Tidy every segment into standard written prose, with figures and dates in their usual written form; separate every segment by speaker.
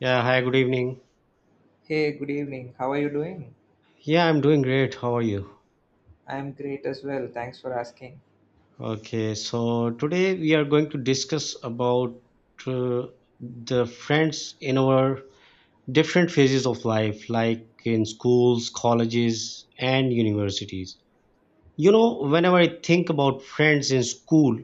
Speaker 1: Yeah, hi, good evening.
Speaker 2: Hey, good evening. How are you doing?
Speaker 1: Yeah, I'm doing great. How are you?
Speaker 2: I'm great as well. Thanks for asking.
Speaker 1: Okay, so today we are going to discuss about uh, the friends in our different phases of life, like in schools, colleges, and universities. You know, whenever I think about friends in school,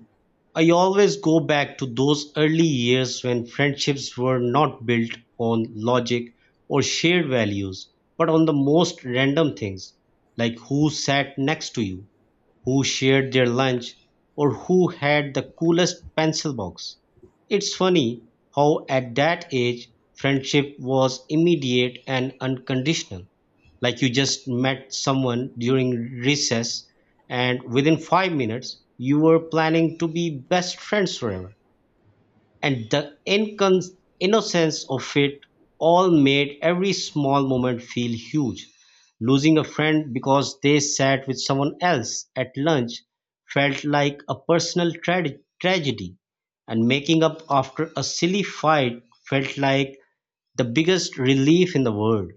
Speaker 1: I always go back to those early years when friendships were not built on logic or shared values, but on the most random things, like who sat next to you who shared their lunch, or who had the coolest pencil box. It's funny how, at that age, friendship was immediate and unconditional. Like you just met someone during recess, and within 5 minutes, you were planning to be best friends forever and the innocence of it all made every small moment feel huge. Losing a friend because they sat with someone else at lunch felt like a personal tragedy, and making up after a silly fight felt like the biggest relief in the world.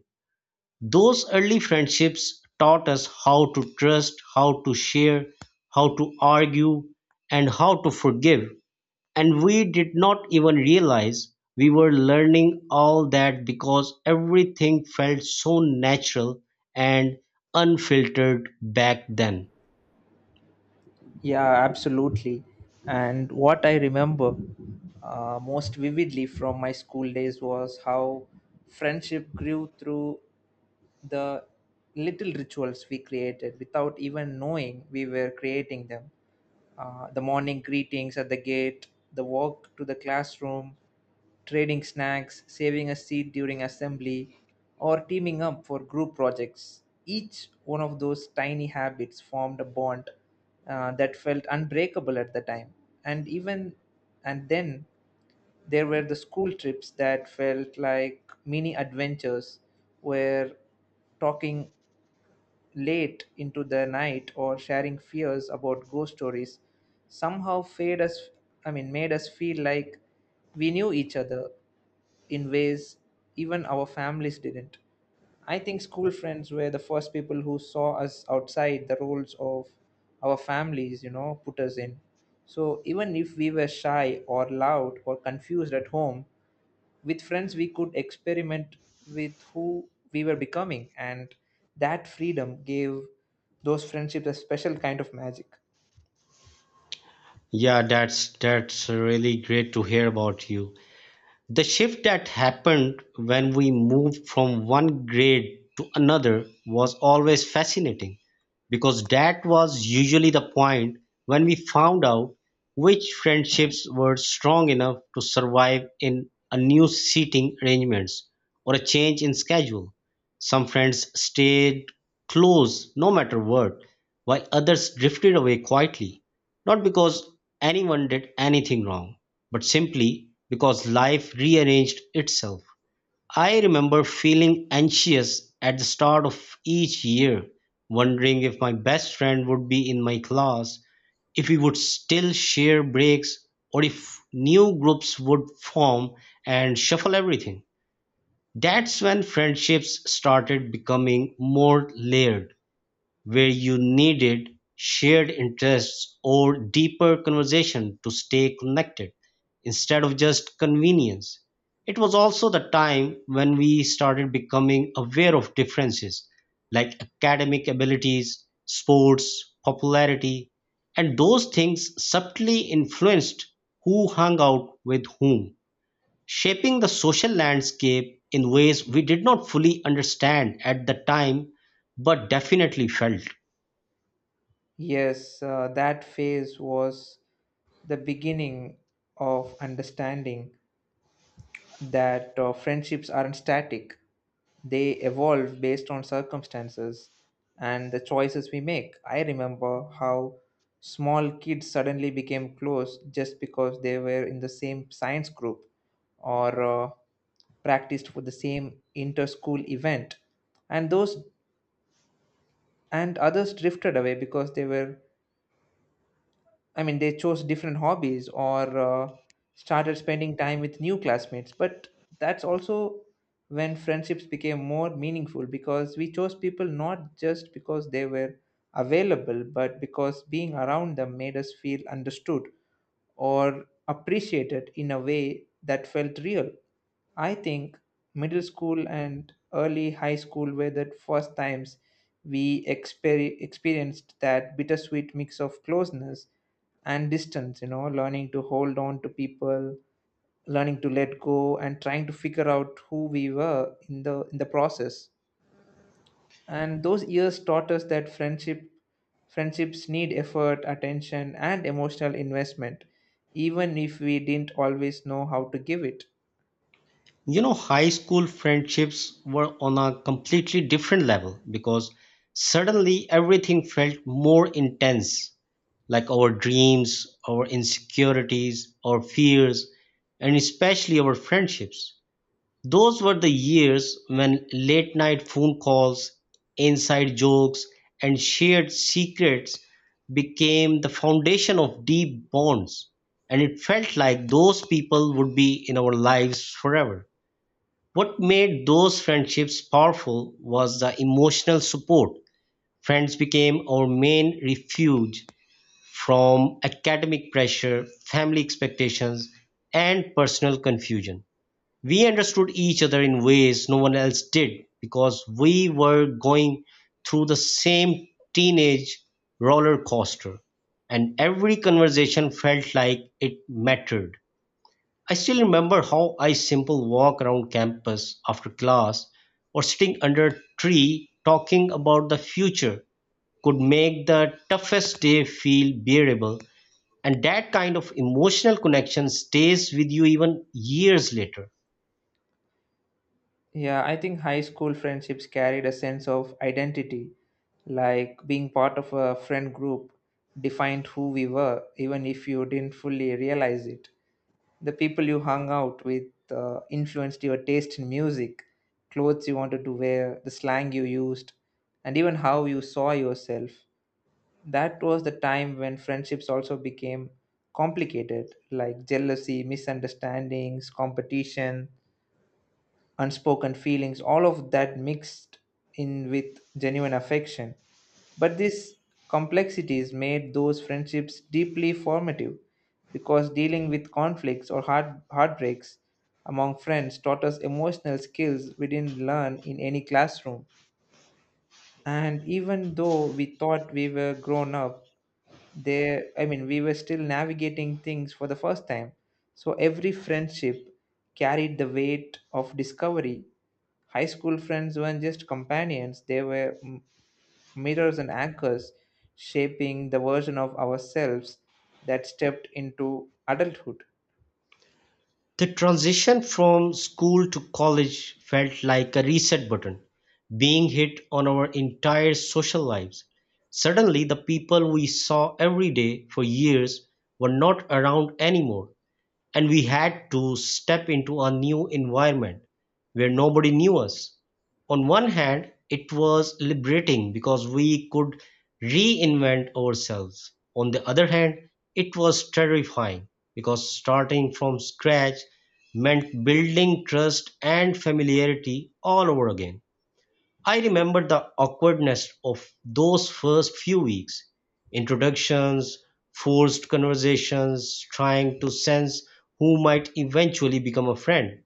Speaker 1: Those early friendships taught us how to trust, how to share, how to argue, and how to forgive and we did not even realize we were learning all that because everything felt so natural and unfiltered back then.
Speaker 2: Yeah, absolutely. And what I remember, most vividly from my school days was how friendship grew through the little rituals we created without even knowing we were creating them. The morning greetings at the gate, the walk to the classroom, trading snacks, saving a seat during assembly, or teaming up for group projects. Each one of those tiny habits formed a bond that felt unbreakable at the time. And even and then there were the school trips that felt like mini adventures, where talking late into the night or sharing fears about ghost stories somehow fade us I mean made us feel like we knew each other in ways even our families didn't. I think school friends were the first people who saw us outside the roles of our families, you know, put us in. So even if we were shy or loud or confused at home, with friends we could experiment with who we were becoming, and that freedom gave those friendships a special kind of magic.
Speaker 1: Yeah, that's really great to hear about you. The shift that happened when we moved from one grade to another was always fascinating because that was usually the point when we found out which friendships were strong enough to survive in a new seating arrangements or a change in schedule. Some friends stayed close no matter what, while others drifted away quietly, not because anyone did anything wrong but simply because life rearranged itself. I remember feeling anxious at the start of each year, wondering if my best friend would be in my class, if we would still share breaks, or if new groups would form and shuffle everything. That's when friendships started becoming more layered where you needed shared interests or deeper conversation to stay connected instead of just convenience. It was also the time when we started becoming aware of differences like academic abilities, sports, popularity, and those things subtly influenced who hung out with whom, shaping the social landscape in ways we did not fully understand at the time but definitely felt.
Speaker 2: Yes, that phase was the beginning of understanding that friendships aren't static, they evolve based on circumstances and the choices we make. I remember how small kids suddenly became close just because they were in the same science group or practiced for the same inter school event and those and others drifted away because they were I mean, they chose different hobbies or started spending time with new classmates. But that's also when friendships became more meaningful because we chose people not just because they were available, but because being around them made us feel understood or appreciated in a way that felt real. I think middle school and early high school were the first times we experienced that bittersweet mix of closeness and distance, you know, learning to hold on to people, learning to let go and trying to figure out who we were in the process. And those years taught us that friendships need effort, attention and emotional investment even if we didn't always know how to give it.
Speaker 1: You know, high school friendships were on a completely different level because suddenly everything felt more intense, like our dreams, our insecurities, our fears, and especially our friendships. Those were the years when late night phone calls, inside jokes, and shared secrets became the foundation of deep bonds. And it felt like those people would be in our lives forever. What made those friendships powerful was the emotional support. Friends became our main refuge from academic pressure, family expectations, and personal confusion. We understood each other in ways no one else did because we were going through the same teenage roller coaster, and every conversation felt like it mattered. I still remember how I simple walk around campus after class or sitting under a tree talking about the future could make the toughest day feel bearable and that kind of emotional connection stays with you even years later.
Speaker 2: Yeah, I think high school friendships carried a sense of identity, like being part of a friend group defined who we were, even if you didn't fully realize it. The people you hung out with influenced your taste in music, clothes you wanted to wear, the slang you used, and even how you saw yourself. That was the time when friendships also became complicated, like jealousy, misunderstandings, competition, unspoken feelings, all of that mixed in with genuine affection. But these complexities made those friendships deeply formative because dealing with conflicts or heartbreaks among friends taught us emotional skills we didn't learn in any classroom, and even though we thought we were grown up, there I mean we were still navigating things for the first time, so every friendship carried the weight of discovery. High school friends weren't just companions, they were mirrors and anchors, shaping the version of ourselves that stepped into adulthood.
Speaker 1: The transition from school to college felt like a reset button being hit on our entire social lives. Suddenly, the people we saw every day for years were not around anymore and we had to step into a new environment where nobody knew us. On one hand, it was liberating because we could reinvent ourselves. On the other hand, it was terrifying because starting from scratch meant building trust and familiarity all over again. I remember the awkwardness of those first few weeks introductions, forced conversations, trying to sense who might eventually become a friend.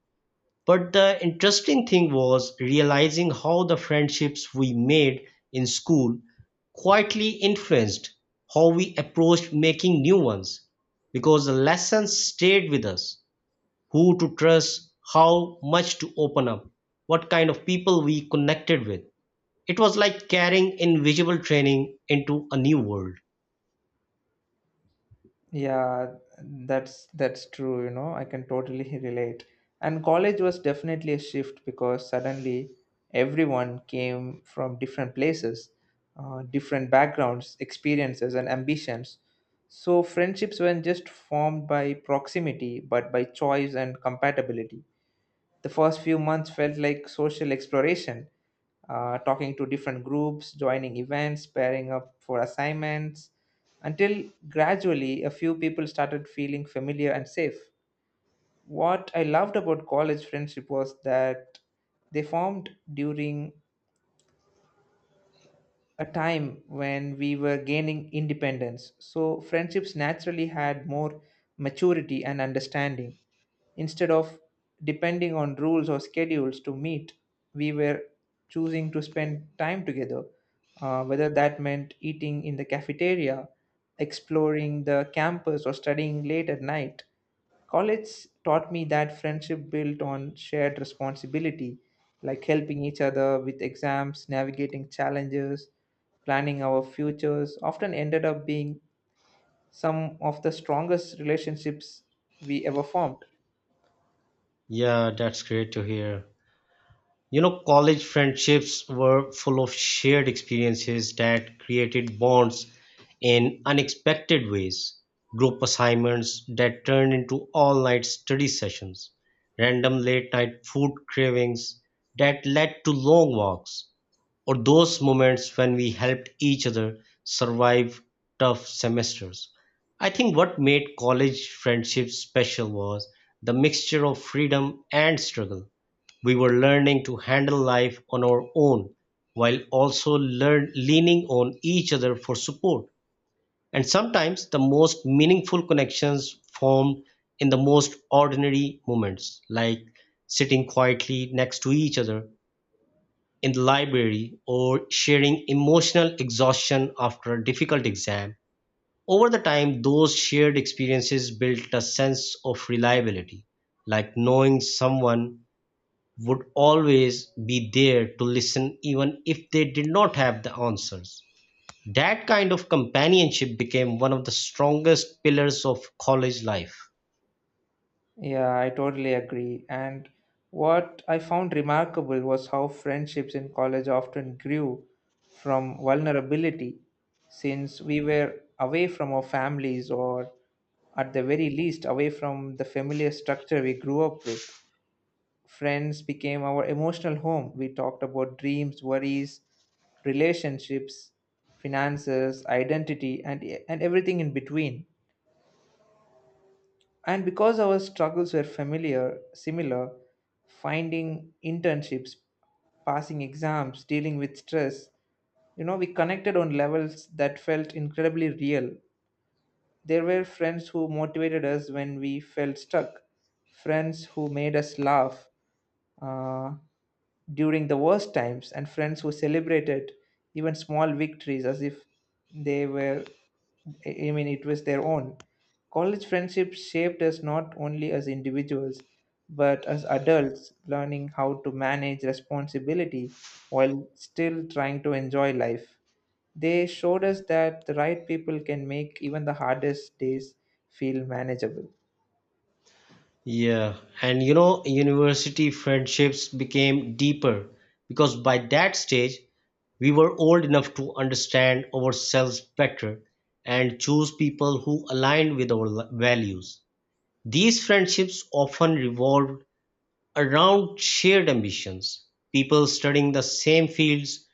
Speaker 1: But the interesting thing was realizing how the friendships we made in school quietly influenced how we approached making new ones because the lessons stayed with us who to trust, how much to open up, what kind of people we connected with. It was like carrying invisible training into a new world.
Speaker 2: Yeah, that's true, you know. I can totally relate. And college was definitely a shift because suddenly everyone came from different places, different backgrounds, experiences, and ambitions. So friendships weren't just formed by proximity, but by choice and compatibility. The first few months felt like social exploration, talking to different groups, joining events, pairing up for assignments until gradually a few people started feeling familiar and safe. What I loved about college friendship was that they formed during a time when we were gaining independence, so friendships naturally had more maturity and understanding. Instead of depending on rules or schedules to meet, we were choosing to spend time together, whether that meant eating in the cafeteria, exploring the campus, or studying late at night. College taught me that friendship built on shared responsibility, like helping each other with exams, navigating challenges, planning our futures, often ended up being some of the strongest relationships we ever formed.
Speaker 1: Yeah, that's great to hear. You know, college friendships were full of shared experiences that created bonds in unexpected ways. Group assignments that turned into all night study sessions, random late night food cravings that led to long walks, or those moments when we helped each other survive tough semesters. I think what made college friendships special was the mixture of freedom and struggle. We were learning to handle life on our own while also leaning on each other for support. And sometimes the most meaningful connections formed in the most ordinary moments, like sitting quietly next to each other in the library or sharing emotional exhaustion after a difficult exam. Over the time, those shared experiences built a sense of reliability, like knowing someone would always be there to listen even if they did not have the answers. That kind of companionship became one of the strongest pillars of college life.
Speaker 2: Yeah, I totally agree. And what I found remarkable was how friendships in college often grew from vulnerability, since we were away from our families or, at the very least, away from the familiar structure we grew up with. Friends became our emotional home. We talked about dreams, worries, relationships, finances, identity, and everything in between, and because our struggles were similar, finding internships, passing exams, dealing with stress, you know, we connected on levels that felt incredibly real. There were friends who motivated us when we felt stuck, friends who made us laugh, uh, during the worst times, and friends who celebrated even small victories as if they were I mean it was their own. College friendships shaped us not only as individuals but as adults learning how to manage responsibility while still trying to enjoy life. They showed us that the right people can make even the hardest days feel manageable.
Speaker 1: Yeah, and you know, university friendships became deeper because by that stage, we were old enough to understand ourselves better and choose people who aligned with our values. These friendships often revolved around shared ambitions, people studying the same fields,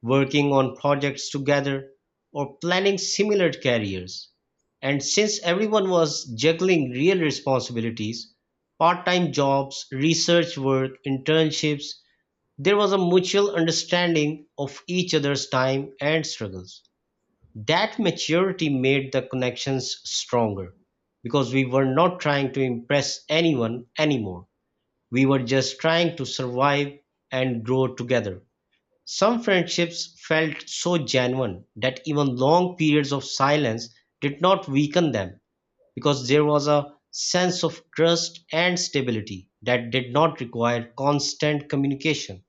Speaker 1: working on projects together, or planning similar careers. And since everyone was juggling real responsibilities, part time jobs, research work, internships, there was a mutual understanding of each other's time and struggles. That maturity made the connections stronger because we were not trying to impress anyone anymore. We were just trying to survive and grow together. Some friendships felt so genuine that even long periods of silence did not weaken them because there was a sense of trust and stability that did not require constant communication.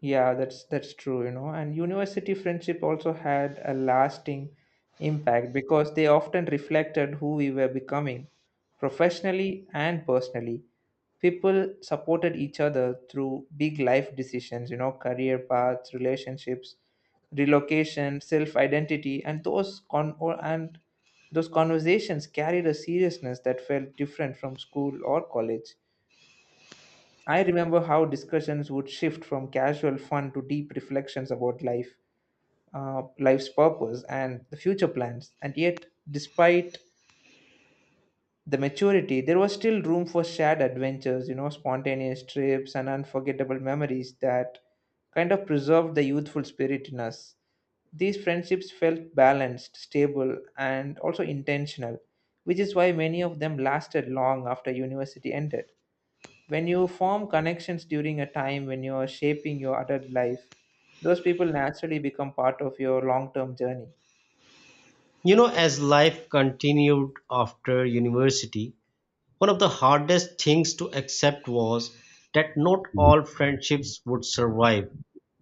Speaker 2: Yeah, that's true, you know. And university friendship also had a lasting impact because they often reflected who we were becoming professionally and personally. People supported each other through big life decisions, you know, career paths, relationships, relocation, self-identity, and those conversations carried a seriousness that felt different from school or college. I remember how discussions would shift from casual fun to deep reflections about life, life's purpose, and the future plans. And yet, despite the maturity, there was still room for shared adventures, you know, spontaneous trips and unforgettable memories that kind of preserved the youthful spirit in us. These friendships felt balanced, stable, and also intentional, which is why many of them lasted long after university ended. When you form connections during a time when you are shaping your adult life, those people naturally become part of your long term journey.
Speaker 1: You know, as life continued after university, one of the hardest things to accept was that not all friendships would survive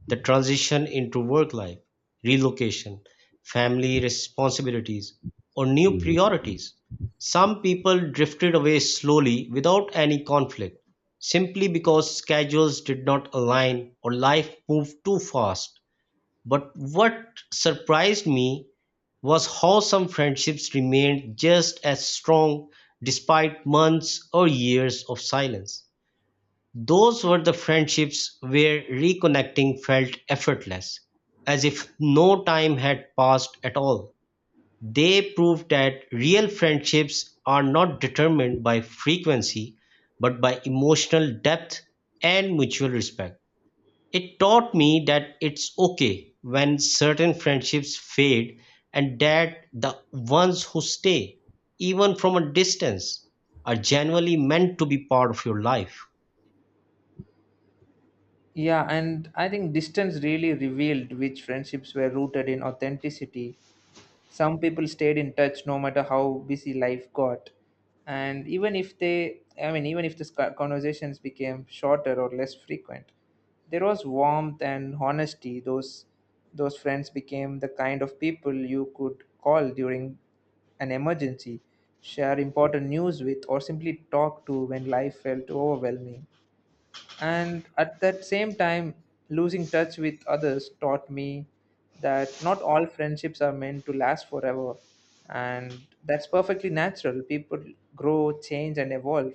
Speaker 1: the transition into work life, relocation, family responsibilities, or new
Speaker 2: Mhm.
Speaker 1: priorities. Some people drifted away slowly without any conflict, simply because schedules did not align or life moved too fast. But what surprised me was how some friendships remained just as strong despite months or years of silence. Those were the friendships where reconnecting felt effortless, as if no time had passed at all. They proved that real friendships are not determined by frequency, but by emotional depth and mutual respect. It taught me that it's okay when certain friendships fade and that the ones who stay, even from a distance, are genuinely meant to be part of your life.
Speaker 2: Yeah, and I think distance really revealed which friendships were rooted in authenticity. Some people stayed in touch no matter how busy life got. And even if they, I mean, even if the conversations became shorter or less frequent, there was warmth and honesty. Those friends became the kind of people you could call during an emergency, share important news with, or simply talk to when life felt overwhelming. And at that same time, losing touch with others taught me that not all friendships are meant to last forever, and that's perfectly natural. People grow, change and evolve,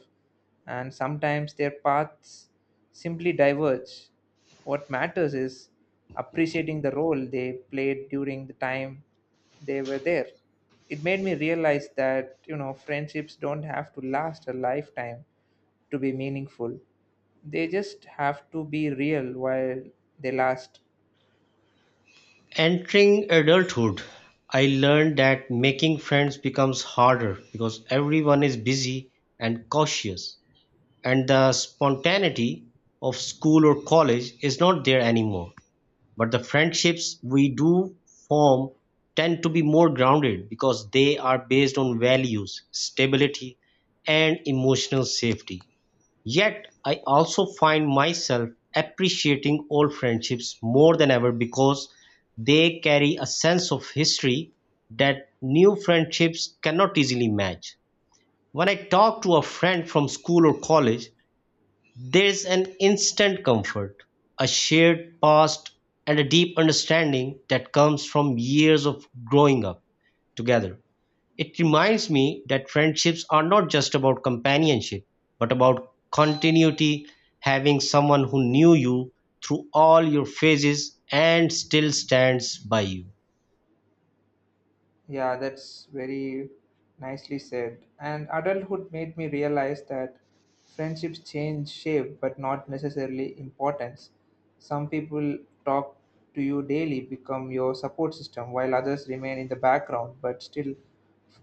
Speaker 2: and sometimes their paths simply diverge. What matters is appreciating the role they played during the time they were there. It made me realize that, you know, friendships don't have to last a lifetime to be meaningful. They just have to be real while they last.
Speaker 1: Entering adulthood, I learned that making friends becomes harder because everyone is busy and cautious, and the spontaneity of school or college is not there anymore. But the friendships we do form tend to be more grounded because they are based on values, stability, and emotional safety. Yet, I also find myself appreciating old friendships more than ever because they carry a sense of history that new friendships cannot easily match. When I talk to a friend from school or college, there's an instant comfort, a shared past, and a deep understanding that comes from years of growing up together. It reminds me that friendships are not just about companionship, but about continuity, having someone who knew you through all your phases and still stands by you.
Speaker 2: Yeah, that's very nicely said. And adulthood made me realize that friendships change shape, but not necessarily importance. Some people talk to you daily, become your support system, while others remain in the background, but still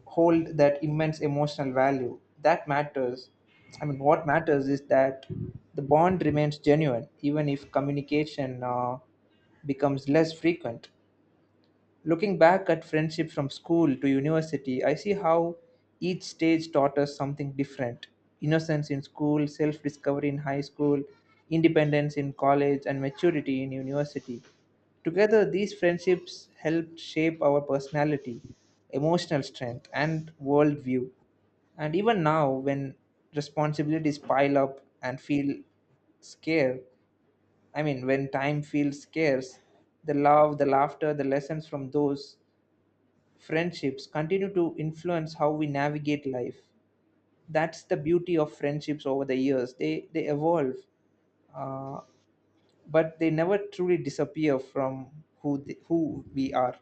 Speaker 2: hold that immense emotional value. That matters. I mean, what matters is that the bond remains genuine, even if communication becomes less frequent. Looking back at friendship from school to university, I see how each stage taught us something different. Innocence in school, self discovery in high school, independence in college, and maturity in university. Together, these friendships helped shape our personality, emotional strength, and worldview. And even now, when responsibilities pile up and feel scarce, I mean, when time feels scarce, the love, the laughter, the lessons from those friendships continue to influence how we navigate life. That's the beauty of friendships over the years. They evolve, uh, but they never truly disappear from who we are.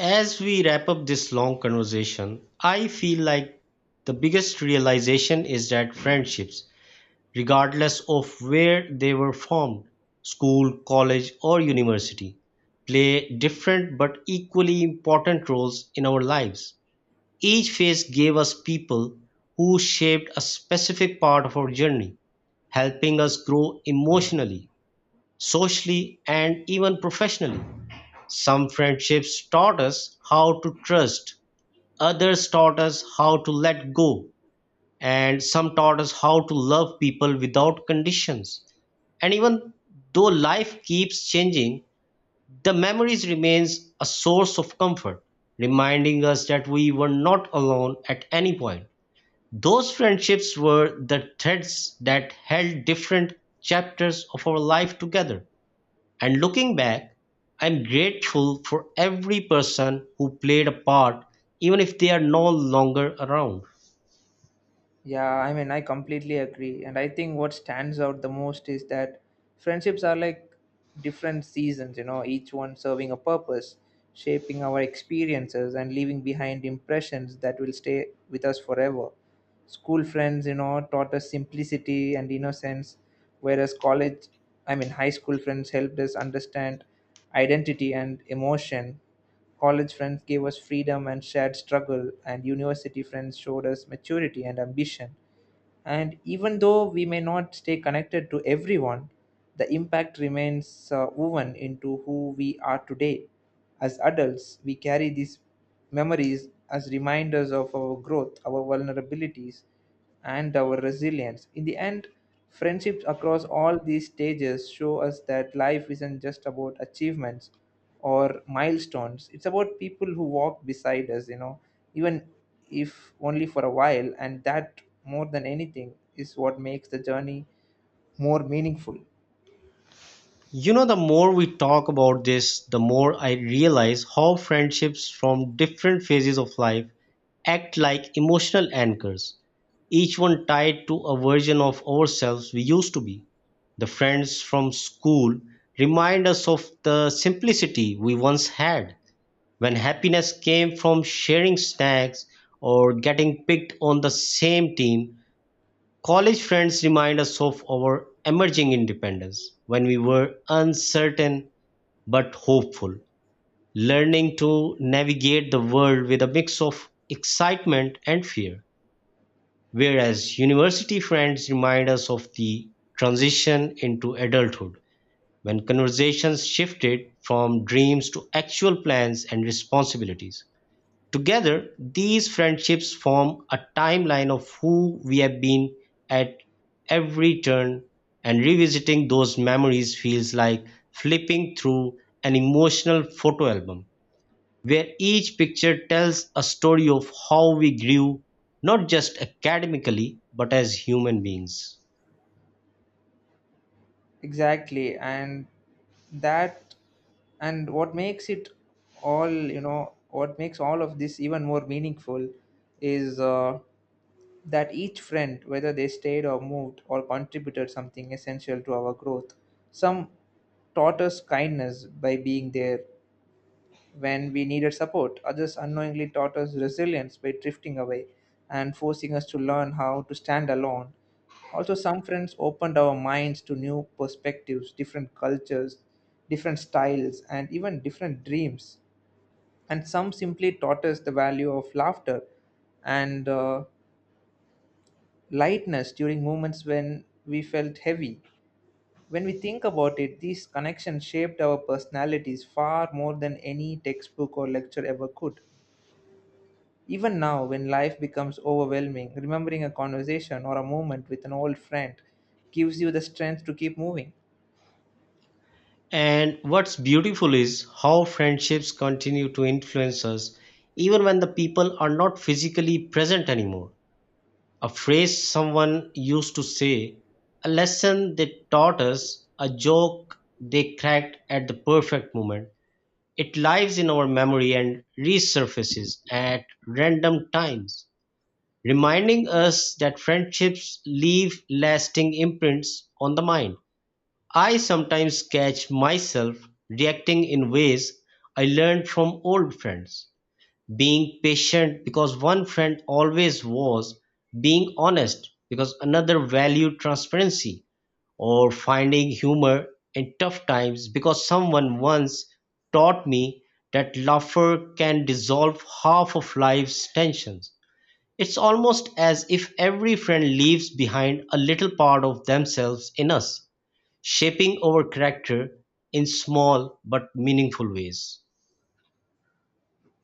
Speaker 1: As we wrap up this long conversation, I feel like the biggest realization is that friendships, regardless of where they were formed (school, college, or university) play different but equally important roles in our lives. Each phase gave us people who shaped a specific part of our journey, helping us grow emotionally, socially, and even professionally. Some friendships taught us how to trust, others taught us how to let go, and some taught us how to love people without conditions. And even though life keeps changing, the memories remains a source of comfort, reminding us that we were not alone at any point. Those friendships were the threads that held different chapters of our life together. And looking back, I'm grateful for every person who played a part, even if they are no longer around.
Speaker 2: Yeah, I mean, I completely agree. And I think what stands out the most is that friendships are like different seasons, you know, each one serving a purpose, shaping our experiences, and leaving behind impressions that will stay with us forever. School friends, you know, taught us simplicity and innocence, whereas college I mean high school friends helped us understand identity and emotion. College friends gave us freedom and shared struggle, and university friends showed us maturity and ambition. And even though we may not stay connected to everyone, the impact remains, woven into who we are today. As adults, we carry these memories as reminders of our growth, our vulnerabilities, and our resilience. In the end, friendships across all these stages show us that life isn't just about achievements or milestones. It's about people who walk beside us, you know, even if only for a while. And that, more than anything, is what makes the journey more meaningful.
Speaker 1: You know, the more we talk about this, the more I realize how friendships from different phases of life act like emotional anchors, each one tied to a version of ourselves we used to be. The friends from school remind us of the simplicity we once had when happiness came from sharing snacks or getting picked on the same team. College friends remind us of our emerging independence when we were uncertain but hopeful, learning to navigate the world with a mix of excitement and fear. Whereas university friends remind us of the transition into adulthood when conversations shifted from dreams to actual plans and responsibilities. Together, these friendships form a timeline of who we have been at every turn, and revisiting those memories feels like flipping through an emotional photo album where each picture tells a story of how we grew, not just academically, but as human beings.
Speaker 2: Exactly. That, and what makes it all, you know, what makes all of this even more meaningful is that each friend, whether they stayed or moved, or contributed something essential to our growth. Some taught us kindness by being there when we needed support, others unknowingly taught us resilience by drifting away and forcing us to learn how to stand alone. Also, some friends opened our minds to new perspectives, different cultures, different styles, and even different dreams. And some simply taught us the value of laughter and lightness during moments when we felt heavy. When we think about it, these connections shaped our personalities far more than any textbook or lecture ever could. Even now, when life becomes overwhelming, remembering a conversation or a moment with an old friend gives you the strength to keep moving.
Speaker 1: And what's beautiful is how friendships continue to influence us even when the people are not physically present anymore. A phrase someone used to say, a lesson they taught us, a joke they cracked at the perfect moment. It lives in our memory and resurfaces at random times, reminding us that friendships leave lasting imprints on the mind. I sometimes catch myself reacting in ways I learned from old friends being patient because one friend always was, being honest because another valued transparency, or finding humor in tough times because someone once taught me that laughter can dissolve half of life's tensions. It's almost as if every friend leaves behind a little part of themselves in us, shaping our character in small but meaningful ways.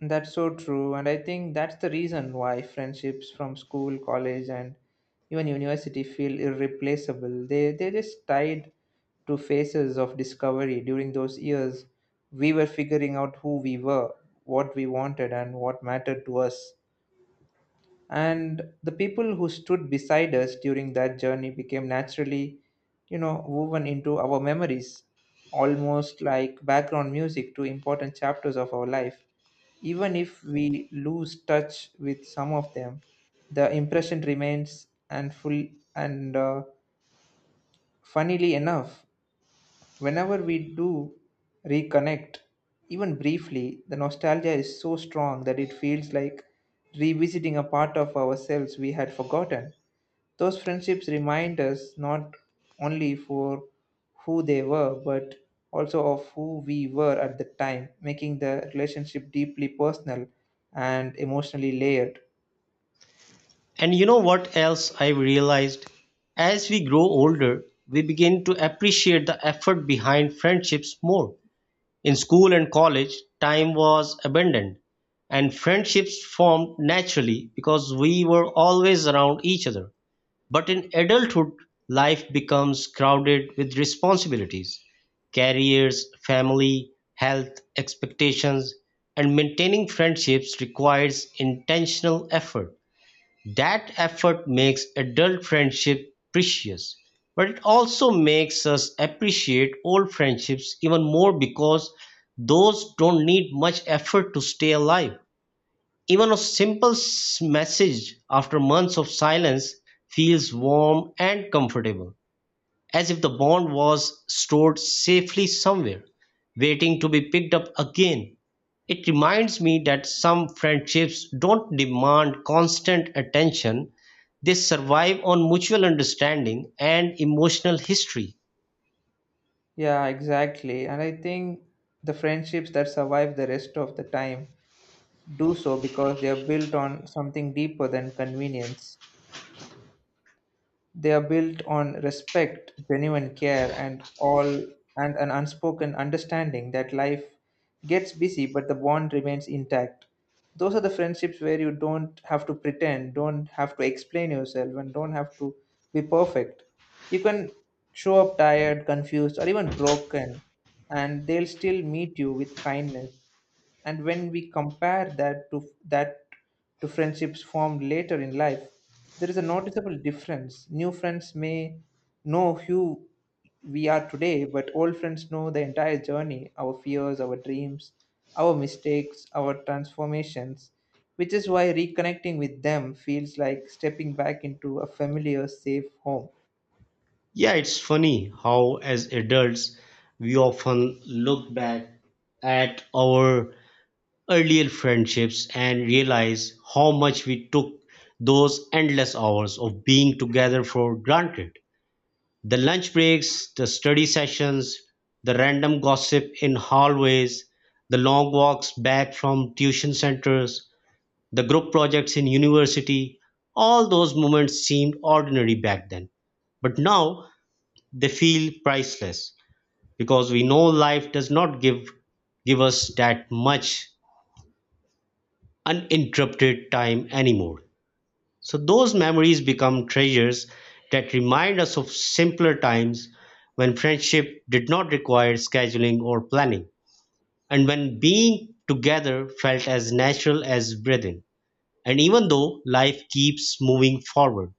Speaker 2: That's so true, and I think that's the reason why friendships from school, college, and even university feel irreplaceable. They're just tied to phases of discovery. During those years, we were figuring out who we were, what we wanted, and what mattered to us. And the people who stood beside us during that journey became naturally, you know, woven into our memories, almost like background music to important chapters of our life. Even if we lose touch with some of them, the impression remains and full, and funnily enough, whenever we do reconnect, even briefly, the nostalgia is so strong that it feels like revisiting a part of ourselves we had forgotten. Those friendships remind us not only for who they were, but also of who we were at the time, making the relationship deeply personal and emotionally layered.
Speaker 1: And you know what else I've realized? As we grow older, we begin to appreciate the effort behind friendships more. In school and college, time was abundant, and friendships formed naturally because we were always around each other. But in adulthood, life becomes crowded with responsibilities, careers, family, health, expectations, and maintaining friendships requires intentional effort that effort makes adult friendship precious, but it also makes us appreciate old friendships even more because those don't need much effort to stay alive. Even a simple message after months of silence feels warm and comfortable as if the bond was stored safely somewhere, waiting to be picked up again. It reminds me that some friendships don't demand constant attention, they survive on mutual understanding and emotional history.
Speaker 2: Yeah, exactly. And I think the friendships that survive the rest of the time do so because they are built on something deeper than convenience. They are built on respect, genuine care, and an unspoken understanding that life gets busy but the bond remains intact. Those are the friendships where you don't have to pretend, don't have to explain yourself, and don't have to be perfect. You can show up tired, confused, or even broken, and they'll still meet you with kindness. And when we compare that to friendships formed later in life, there is a noticeable difference. New friends may know who we are today, but old friends know the entire journey: our fears, our dreams, our mistakes, our transformations, which is why reconnecting with them feels like stepping back into a familiar safe home.
Speaker 1: Yeah, it's funny how, as adults, we often look back at our earlier friendships and realize how much we took those endless hours of being together for granted. The lunch breaks, the study sessions, the random gossip in hallways, the long walks back from tuition centers, the group projects in university, all those moments seemed ordinary back then. But now they feel priceless because we know life does not give us that much uninterrupted time anymore. So those memories become treasures that remind us of simpler times when friendship did not require scheduling or planning, and when being together felt as natural as breathing. And even though life keeps moving forward,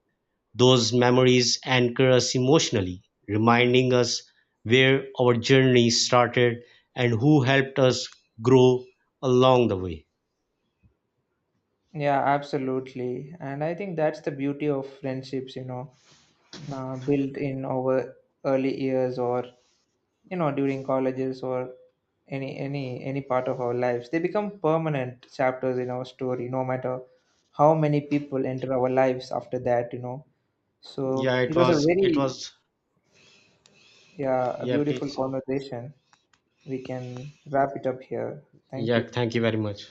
Speaker 1: those memories anchor us emotionally, reminding us where our journey started and who helped us grow along the way.
Speaker 2: Yeah, absolutely, and I think that's the beauty of friendships, you know, built in over early years or, you know, during colleges or any part of our lives. They become permanent chapters in our story no matter how many people enter our lives after that, you know.
Speaker 1: Yeah,
Speaker 2: So it was a very, yeah, a
Speaker 1: yeah,
Speaker 2: beautiful
Speaker 1: please.
Speaker 2: conversation. We can wrap it up here. Thank you.
Speaker 1: Yeah, thank you very much.